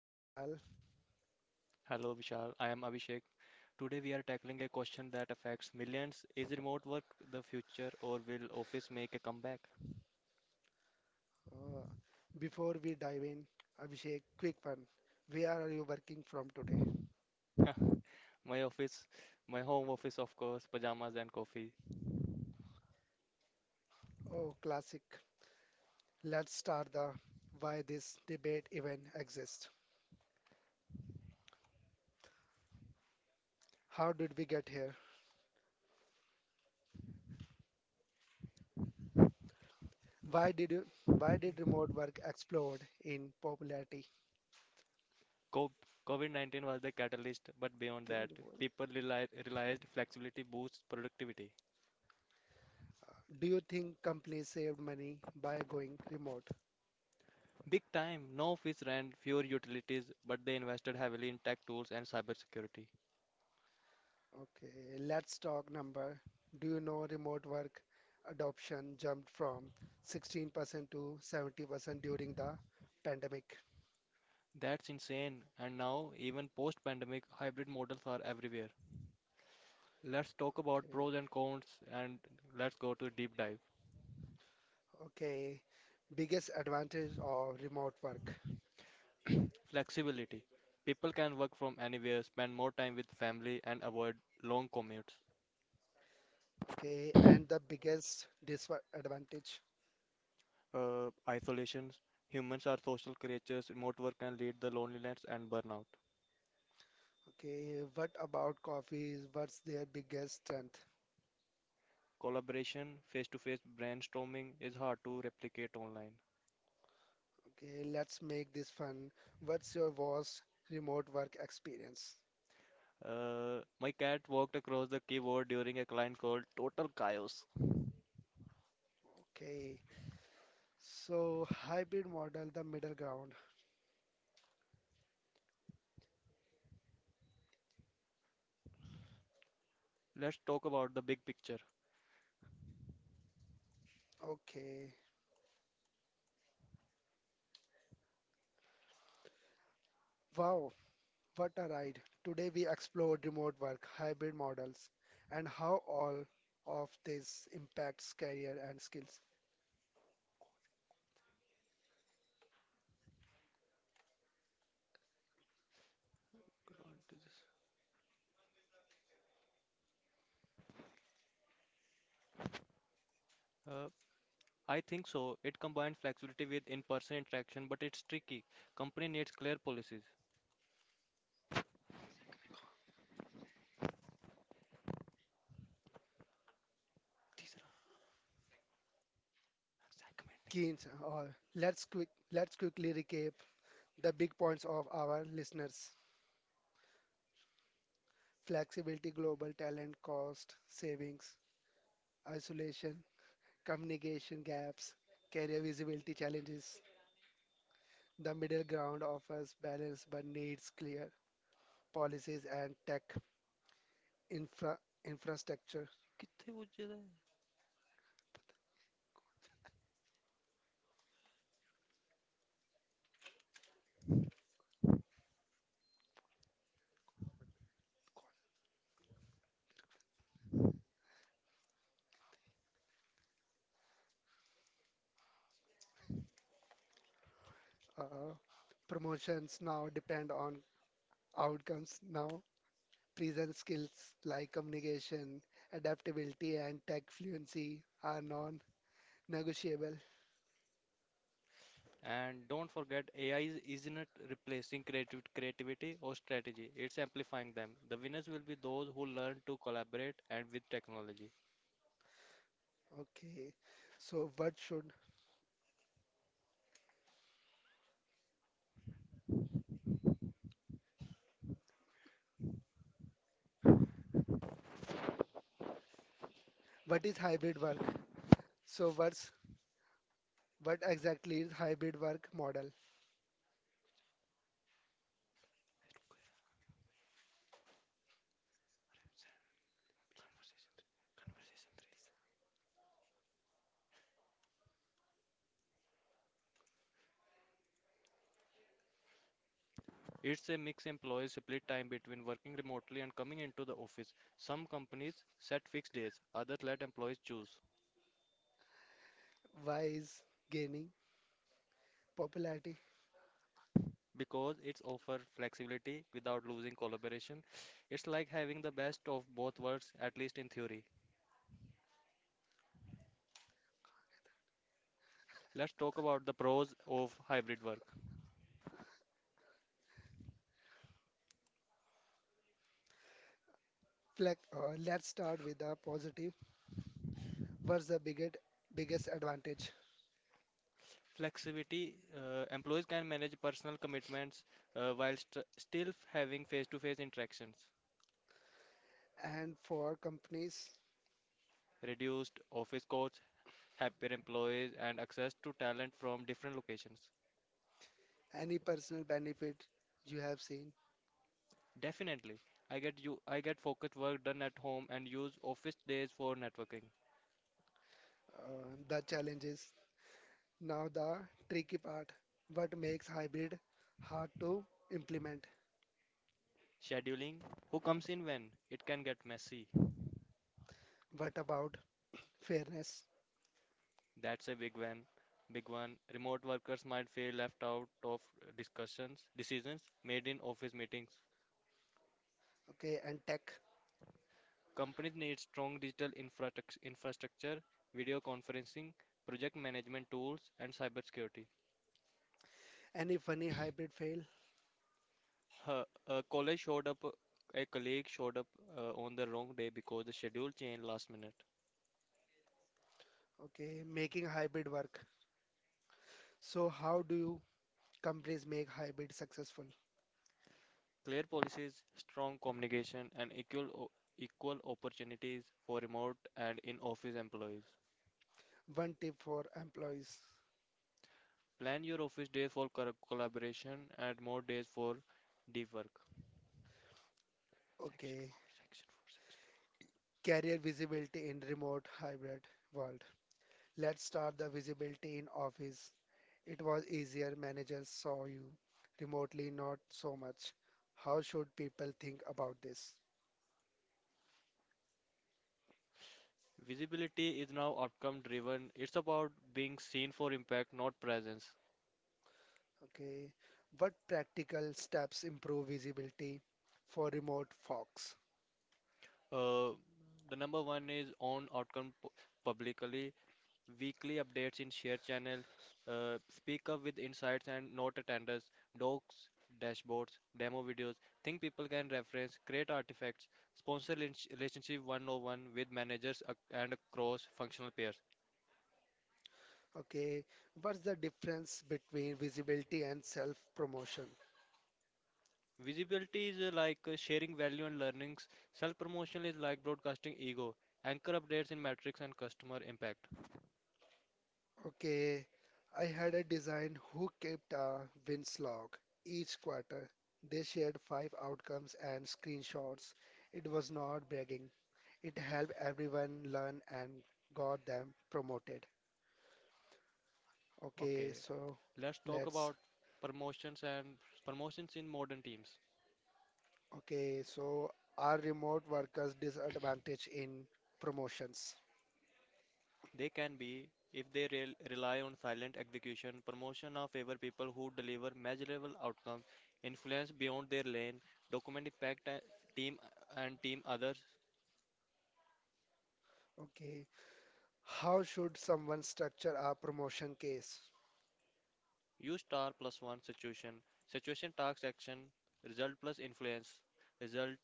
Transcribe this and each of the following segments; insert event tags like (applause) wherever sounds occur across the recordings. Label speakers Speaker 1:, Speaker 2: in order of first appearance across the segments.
Speaker 1: I'm
Speaker 2: H-
Speaker 1: Vishal.
Speaker 2: Hello Vishal, I am Abhishek. Today we are tackling a question that affects millions. Is remote work the future or will office make a comeback?
Speaker 1: Uh, Before we dive in, Abhishek, quick one. Where are you working from today?
Speaker 2: (laughs) My office, my home office of course, pajamas and coffee.
Speaker 1: Oh, classic. Let's start the why this debate even exists. How did we get here? Why did you, why did remote work explode in popularity?
Speaker 2: Co- COVID-19 was the catalyst, but beyond that,
Speaker 1: Terrible.
Speaker 2: people realized flexibility boosts productivity.
Speaker 1: Do you think companies saved money by going remote?
Speaker 2: Big time, no office rent, fewer utilities, but they invested heavily in tech tools and cybersecurity.
Speaker 1: Okay, let's talk number. Do you know remote work adoption jumped from 16% to 70% during the pandemic?
Speaker 2: That's insane. And now, even post-pandemic, hybrid models are everywhere. Let's talk about
Speaker 1: Okay.
Speaker 2: pros and cons, and let's go to deep dive.
Speaker 1: Okay. Biggest advantage of remote work.
Speaker 2: Flexibility. People can work from anywhere, spend more time with family, and avoid long commutes.
Speaker 1: Okay. And the biggest disadvantage.
Speaker 2: Isolations. Humans are social creatures. Remote work can lead to loneliness and burnout.
Speaker 1: Okay. What about coffees? What's their biggest strength?
Speaker 2: Collaboration, face-to-face brainstorming is hard to replicate online.
Speaker 1: Okay. Let's make this fun. What's your worst remote work experience?
Speaker 2: My cat walked across the keyboard during a client call. Total chaos.
Speaker 1: Okay. So hybrid model, the middle ground.
Speaker 2: Let's talk about the big picture.
Speaker 1: Okay. Wow, what a ride. Today we explored remote work, hybrid models, and how all of this impacts career and skills.
Speaker 2: Uh, I think so. It combines flexibility with in-person interaction, but it's tricky. Company needs clear policies. तीसरा segment है
Speaker 1: Keynes, let's quickly recap the big points of our listeners. Flexibility, global talent, cost, savings, isolation, communication gaps, career visibility challenges. The middle ground offers balance but needs clear policies and tech infra infrastructure.
Speaker 2: कि.
Speaker 1: uh, Promotions now depend on outcomes now. Present skills like communication, adaptability, and tech fluency are non-negotiable.
Speaker 2: And don't forget, AI is isn't replacing creativity or strategy. It's amplifying them. The winners will be those who learn to collaborate and with technology.
Speaker 1: Okay, so what is hybrid work? So what exactly is hybrid work model?
Speaker 2: conversation three, conversation three. It's a mix, employees split time between working remotely and coming into the office. Some companies set fixed days, others let employees choose.
Speaker 1: Why is gaining popularity?
Speaker 2: Because it's offer flexibility without losing collaboration. It's like having the best of both worlds, at least in theory. Let's talk about the pros of hybrid work.
Speaker 1: Like, let's start with the positive. What's the biggest advantage?
Speaker 2: Flexibility, employees can manage personal commitments, while still having face to face interactions,
Speaker 1: And for companies,
Speaker 2: reduced office costs, happier employees, and access to talent from different locations.
Speaker 1: any personal benefit you have seen?
Speaker 2: Definitely, I get you. I get focused work done at home and use office days for networking.
Speaker 1: The challenge is now the tricky part. What makes hybrid hard to implement?
Speaker 2: Scheduling, who comes in when? It can get messy.
Speaker 1: What about fairness?
Speaker 2: That's a big one. Big one. Remote workers might feel left out of discussions, decisions made in office meetings.
Speaker 1: Okay, and tech.
Speaker 2: Companies need strong digital infrastructure, video conferencing, project management tools, and cybersecurity.
Speaker 1: Any funny hybrid fail?
Speaker 2: Her, a college showed up, A colleague showed up, on the wrong day because the schedule changed last minute.
Speaker 1: Okay, making hybrid work. So, how do you companies make hybrid successful?
Speaker 2: Clear policies, strong communication, and equal opportunities for remote and in office employees.
Speaker 1: One tip for employees.
Speaker 2: Plan your office days for collaboration and more days for deep work. Section
Speaker 1: Okay,
Speaker 2: 4, Section 4, Section
Speaker 1: career visibility in remote hybrid world. Let's start the visibility in office. It was easier, managers saw you remotely, not so much. How should people think about this?
Speaker 2: 4. Visibility is now outcome driven. It's about being seen for impact, not presence.
Speaker 1: Okay, what practical steps improve visibility for remote folks?
Speaker 2: Uh, the number one is own outcome publicly, weekly updates in share channel, speak up with insights and note attenders, docs, dashboards, demo videos, thing people can reference, create artifacts, sponsor relationship one with managers, and cross functional peers.
Speaker 1: Okay, what's the difference between visibility and self-promotion?
Speaker 2: Visibility is, like, sharing value and learnings. Self promotion is like broadcasting ego. Anchor updates in metrics and customer impact.
Speaker 1: Okay, I had a design who kept a wins log each quarter. They shared five outcomes and screenshots. It was not bragging. It helped everyone learn and got them promoted. Okay,
Speaker 2: Okay,
Speaker 1: so
Speaker 2: let's talk about
Speaker 1: let's.
Speaker 2: promotions and promotions in modern teams.
Speaker 1: Okay, so are remote workers disadvantaged in promotions?
Speaker 2: They can be, if they rely on silent execution. Promotion of favor people who deliver measurable outcomes, influence beyond their lane, document impact, team and team others.
Speaker 1: Okay, how should someone structure a promotion case?
Speaker 2: Use star plus one situation, situation task action, result plus influence, result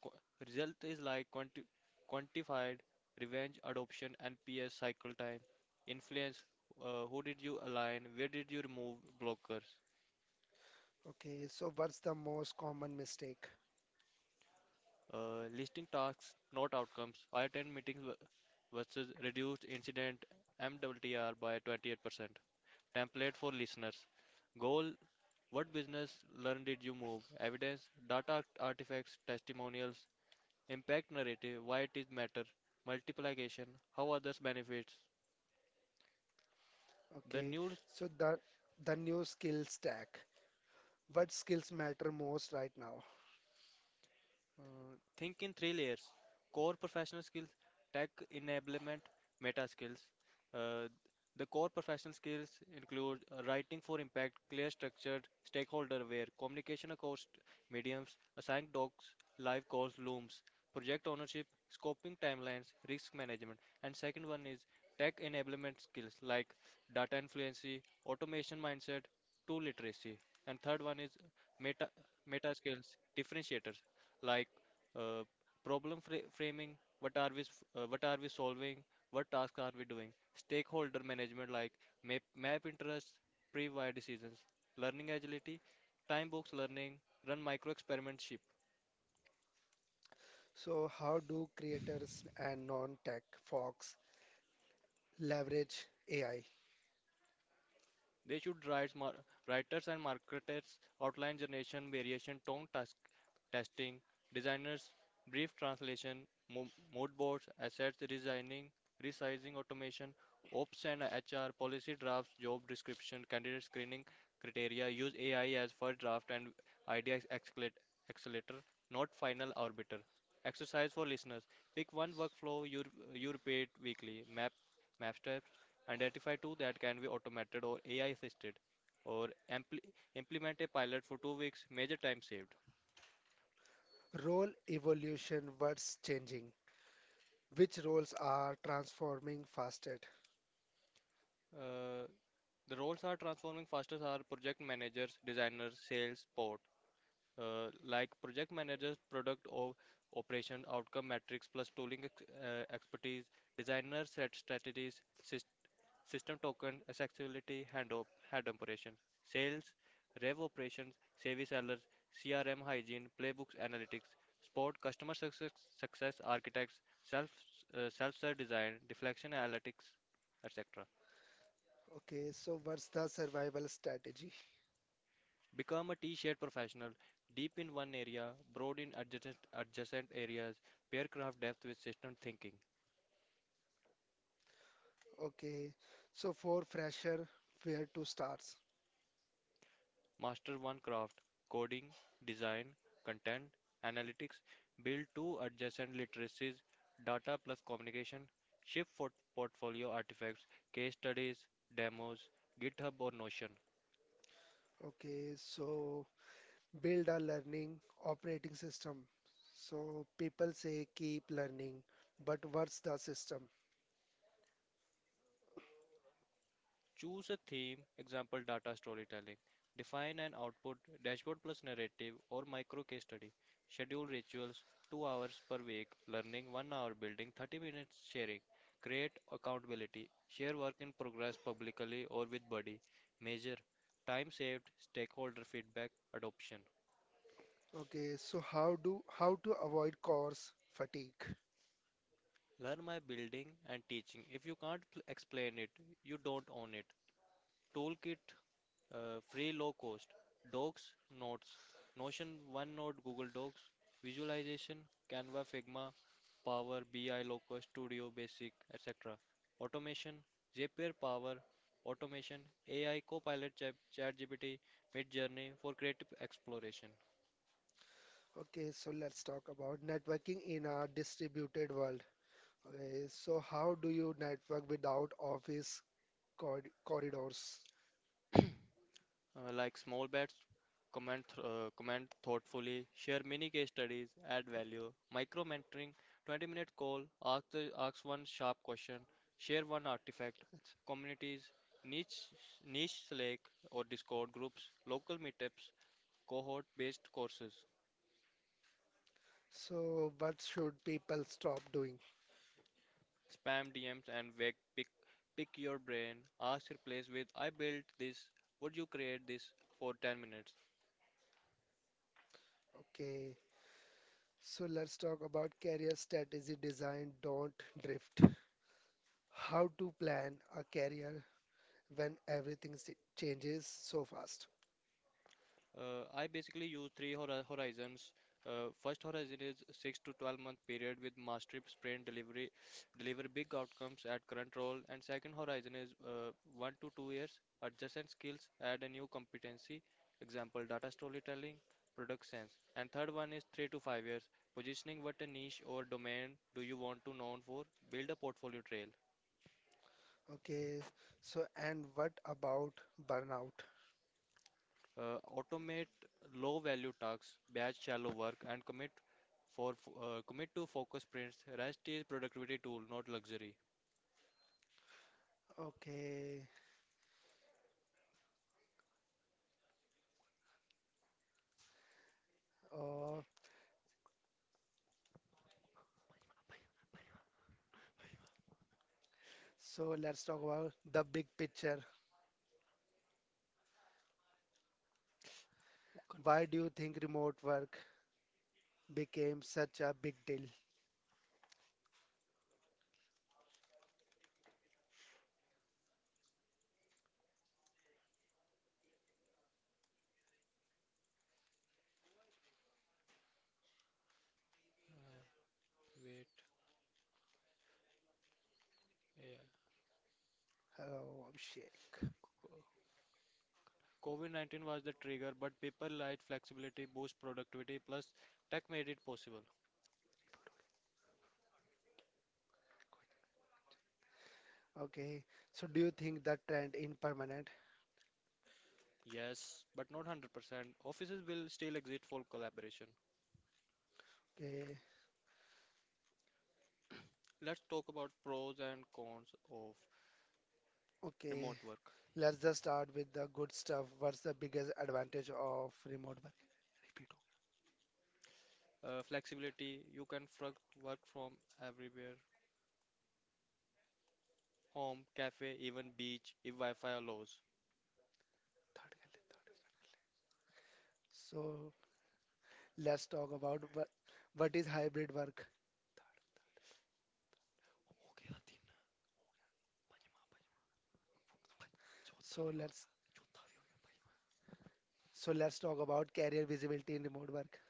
Speaker 2: qu- result is like quantified revenge adoption and ps cycle time influence, who did you align, where did you remove blockers?
Speaker 1: Okay, so what's the most common mistake?
Speaker 2: Listing tasks, not outcomes. I attend meetings, versus reduced incident MWTR by 28%. Template for listeners: goal, what business learn did you move? Evidence, data artifacts, testimonials, impact narrative, why it is matter, multiplication, how others benefits. The
Speaker 1: Okay,
Speaker 2: new
Speaker 1: so the new skill stack. What skills matter most right now?
Speaker 2: Think in three layers: core professional skills, tech enablement, meta skills. Uh, the core professional skills include, writing for impact, clear structured, stakeholder aware, communication across mediums, assigned docs, live calls, looms, project ownership, scoping timelines, risk management. And second one is tech enablement skills like data influency, automation mindset, tool literacy. And third one is meta meta skills, differentiators, like, uh, problem framing, what are we what are we solving, what task are we doing? Stakeholder management, like map interests, pre-wire decisions, learning agility, time box learning, run micro experiments.
Speaker 1: So how do creators and non-tech folks leverage AI?
Speaker 2: They should writers and marketers, outline generation, variation, tone task, testing, designers, brief translation, mood boards, assets designing, resizing, automation, ops and HR, policy drafts, job description, candidate screening criteria. Use AI as first draft and idea accelerator, not final arbiter. Exercise for listeners: pick one workflow you repeat weekly. Map steps. Identify two that can be automated or AI assisted, or implement a pilot for 2 weeks, major time saved.
Speaker 1: Role evolution, what's changing? Which roles are transforming fastest?
Speaker 2: Uh, the roles are transforming fastest are project managers, designers, sales, support. Like project managers, product or operation outcome metrics plus tooling expertise, designers set strategies, System token accessibility and head operations, sales, rev operations, service sellers, CRM hygiene, playbooks analytics, support customer success, success architects, self-serve design, deflection analytics, etc.
Speaker 1: Okay, so what's the survival strategy?
Speaker 2: Become a T-shaped professional, deep in one area, broad in adjacent areas, pair craft depth with system thinking.
Speaker 1: Okay, so for fresher, where to start?
Speaker 2: Master one craft: coding, design, content, analytics. Build two adjacent literacies, data plus communication, ship for portfolio artifacts, case studies, demos, GitHub or Notion.
Speaker 1: Okay, so build a learning operating system. So people say keep learning, but what's the system?
Speaker 2: Choose a theme, example data storytelling. Define an output, dashboard plus narrative or micro case study. Schedule rituals, 2 hours per week, learning 1 hour, building 30 minutes sharing. Create accountability. Share work in progress publicly or with buddy. Measure time saved, stakeholder feedback, adoption.
Speaker 1: Okay, so how to avoid course fatigue?
Speaker 2: Learn by building and teaching. If you can't explain it, you don't own it. Toolkit, free low cost. Docs, notes, Notion, OneNote, Google Docs. Visualization, Canva, Figma, Power BI, Locus, Studio, Basic, etc. Automation, Zapier Power, Automation, AI, Copilot, ChatGPT, Midjourney for creative exploration.
Speaker 1: Okay, so let's talk about networking in a distributed world. Okay, so how do you network without office corridors?
Speaker 2: Like small bets, comment thoughtfully, share mini case studies, add value, micro mentoring, 20-minute call, ask one sharp question, share one artifact, communities, niche, niche Slack or Discord groups, local meetups, cohort based courses,
Speaker 1: So, what should people stop doing?
Speaker 2: spam DMs, and vague pick your brain, ask replace with I built this, would you create this for 10 minutes?
Speaker 1: Okay, so let's talk about career strategy design. Don't drift. How to plan a career when changes so fast.
Speaker 2: I basically use three horizons. First horizon is 6 to 12 month period with mastery sprint delivery, deliver big outcomes at current role. And second horizon is, 1 to 2 years, adjacent skills, add a new competency, example data storytelling, product sense. And third one is 3 to 5 years, positioning, what a niche or domain do you want to known for, build a portfolio trail.
Speaker 1: Okay, so and what about burnout?
Speaker 2: Automate low value tasks, batch shallow work, and commit to focus sprints. Rest is productivity tool, not luxury.
Speaker 1: Okay, uh, so let's talk about the big picture. Why do you think remote work became such a big deal?
Speaker 2: Uh, wait, yeah.
Speaker 1: Oh, shit.
Speaker 2: Co- COVID-19 was the trigger, but people like flexibility, boost productivity, plus tech made it possible.
Speaker 1: Okay, so do you think the trend in permanent?
Speaker 2: Yes, but not 100%. Offices will still exist for collaboration.
Speaker 1: Okay,
Speaker 2: Let's talk about pros and cons of
Speaker 1: okay,
Speaker 2: remote work.
Speaker 1: let's just start with the good stuff. What's the biggest advantage of remote work?
Speaker 2: Flexibility, you can work from everywhere, home, cafe, even beach if Wi-Fi allows.
Speaker 1: So, let's talk about what is hybrid work. So let's so let's talk about career visibility in remote work.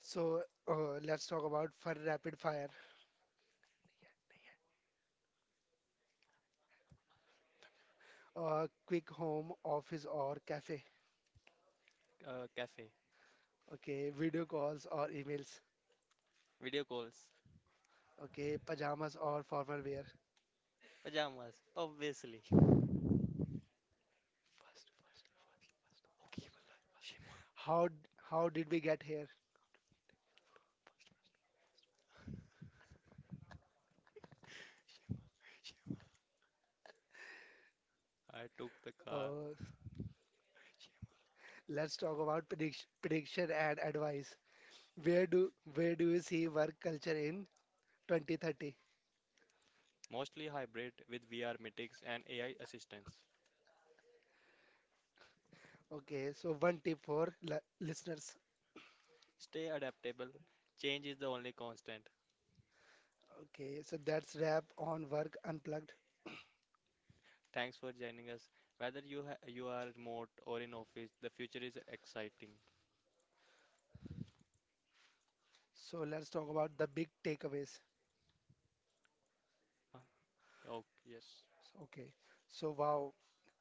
Speaker 1: So let's talk about for rapid fire, quick home, office or cafe.
Speaker 2: Cafe,
Speaker 1: Okay, video calls or emails.
Speaker 2: video calls.
Speaker 1: Okay, pajamas or formal wear.
Speaker 2: Pajamas, obviously.
Speaker 1: How d- how did we get here?
Speaker 2: I took the car,
Speaker 1: Uh, let's talk about prediction and advice. Where do you see work culture in 2030?
Speaker 2: mostly hybrid with VR meetings and AI assistance.
Speaker 1: Okay, so one tip for li listeners.
Speaker 2: Stay adaptable. Change is the only constant.
Speaker 1: Okay, so that's wrap on work unplugged.
Speaker 2: Thanks for joining us. Whether you are remote or in office, the future is exciting.
Speaker 1: So let's talk about the big takeaways.
Speaker 2: Huh? Oh, yes.
Speaker 1: Okay, so wow,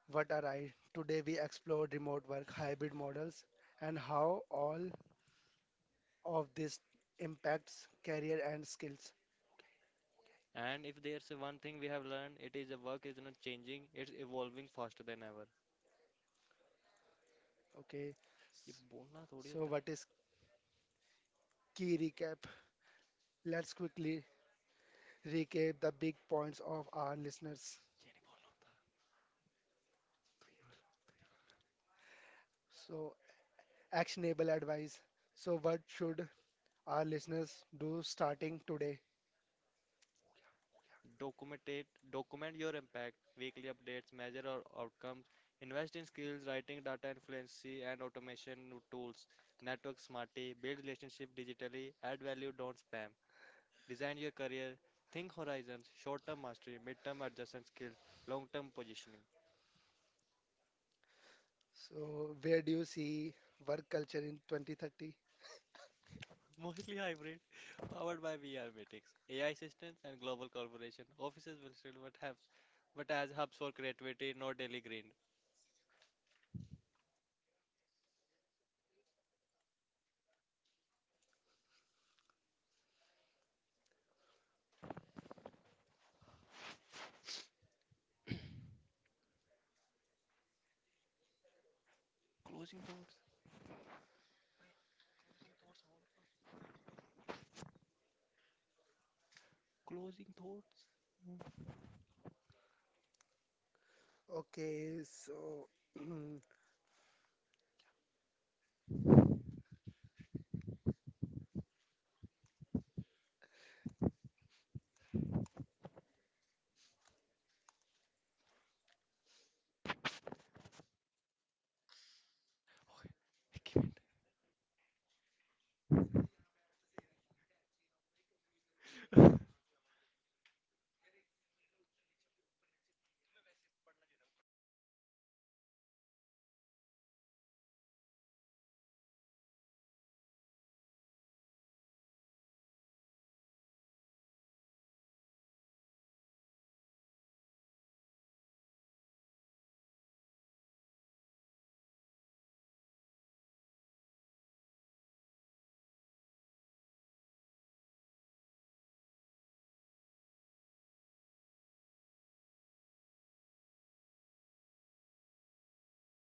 Speaker 1: what a ride. Today we explored remote work hybrid models and how all of this impacts career and skills.
Speaker 2: And if there's one thing we have learned, it is the work is not changing. It's evolving faster than ever.
Speaker 1: Okay,
Speaker 2: You've
Speaker 1: s-
Speaker 2: to
Speaker 1: so
Speaker 2: say.
Speaker 1: what is key recap? Let's quickly recap the big points of our listeners. So actionable advice. So what should our listeners do starting today?
Speaker 2: Documented. Document your impact. Weekly updates. Measure your outcomes. Invest in skills: writing, data fluency, and automation tools. Network smartly. Build relationships digitally. Add value. Don't spam. Design your career. Think horizons. Short-term mastery. Mid-term adjustment skills. Long-term positioning.
Speaker 1: So, where do you see work culture in 2030?
Speaker 2: Mostly hybrid, powered by VR meetings, AI assistants, and global collaboration. Offices will still but have but as hubs for creativity, not daily grind. Closing thoughts. Closing thoughts.
Speaker 1: Okay, so (clears throat)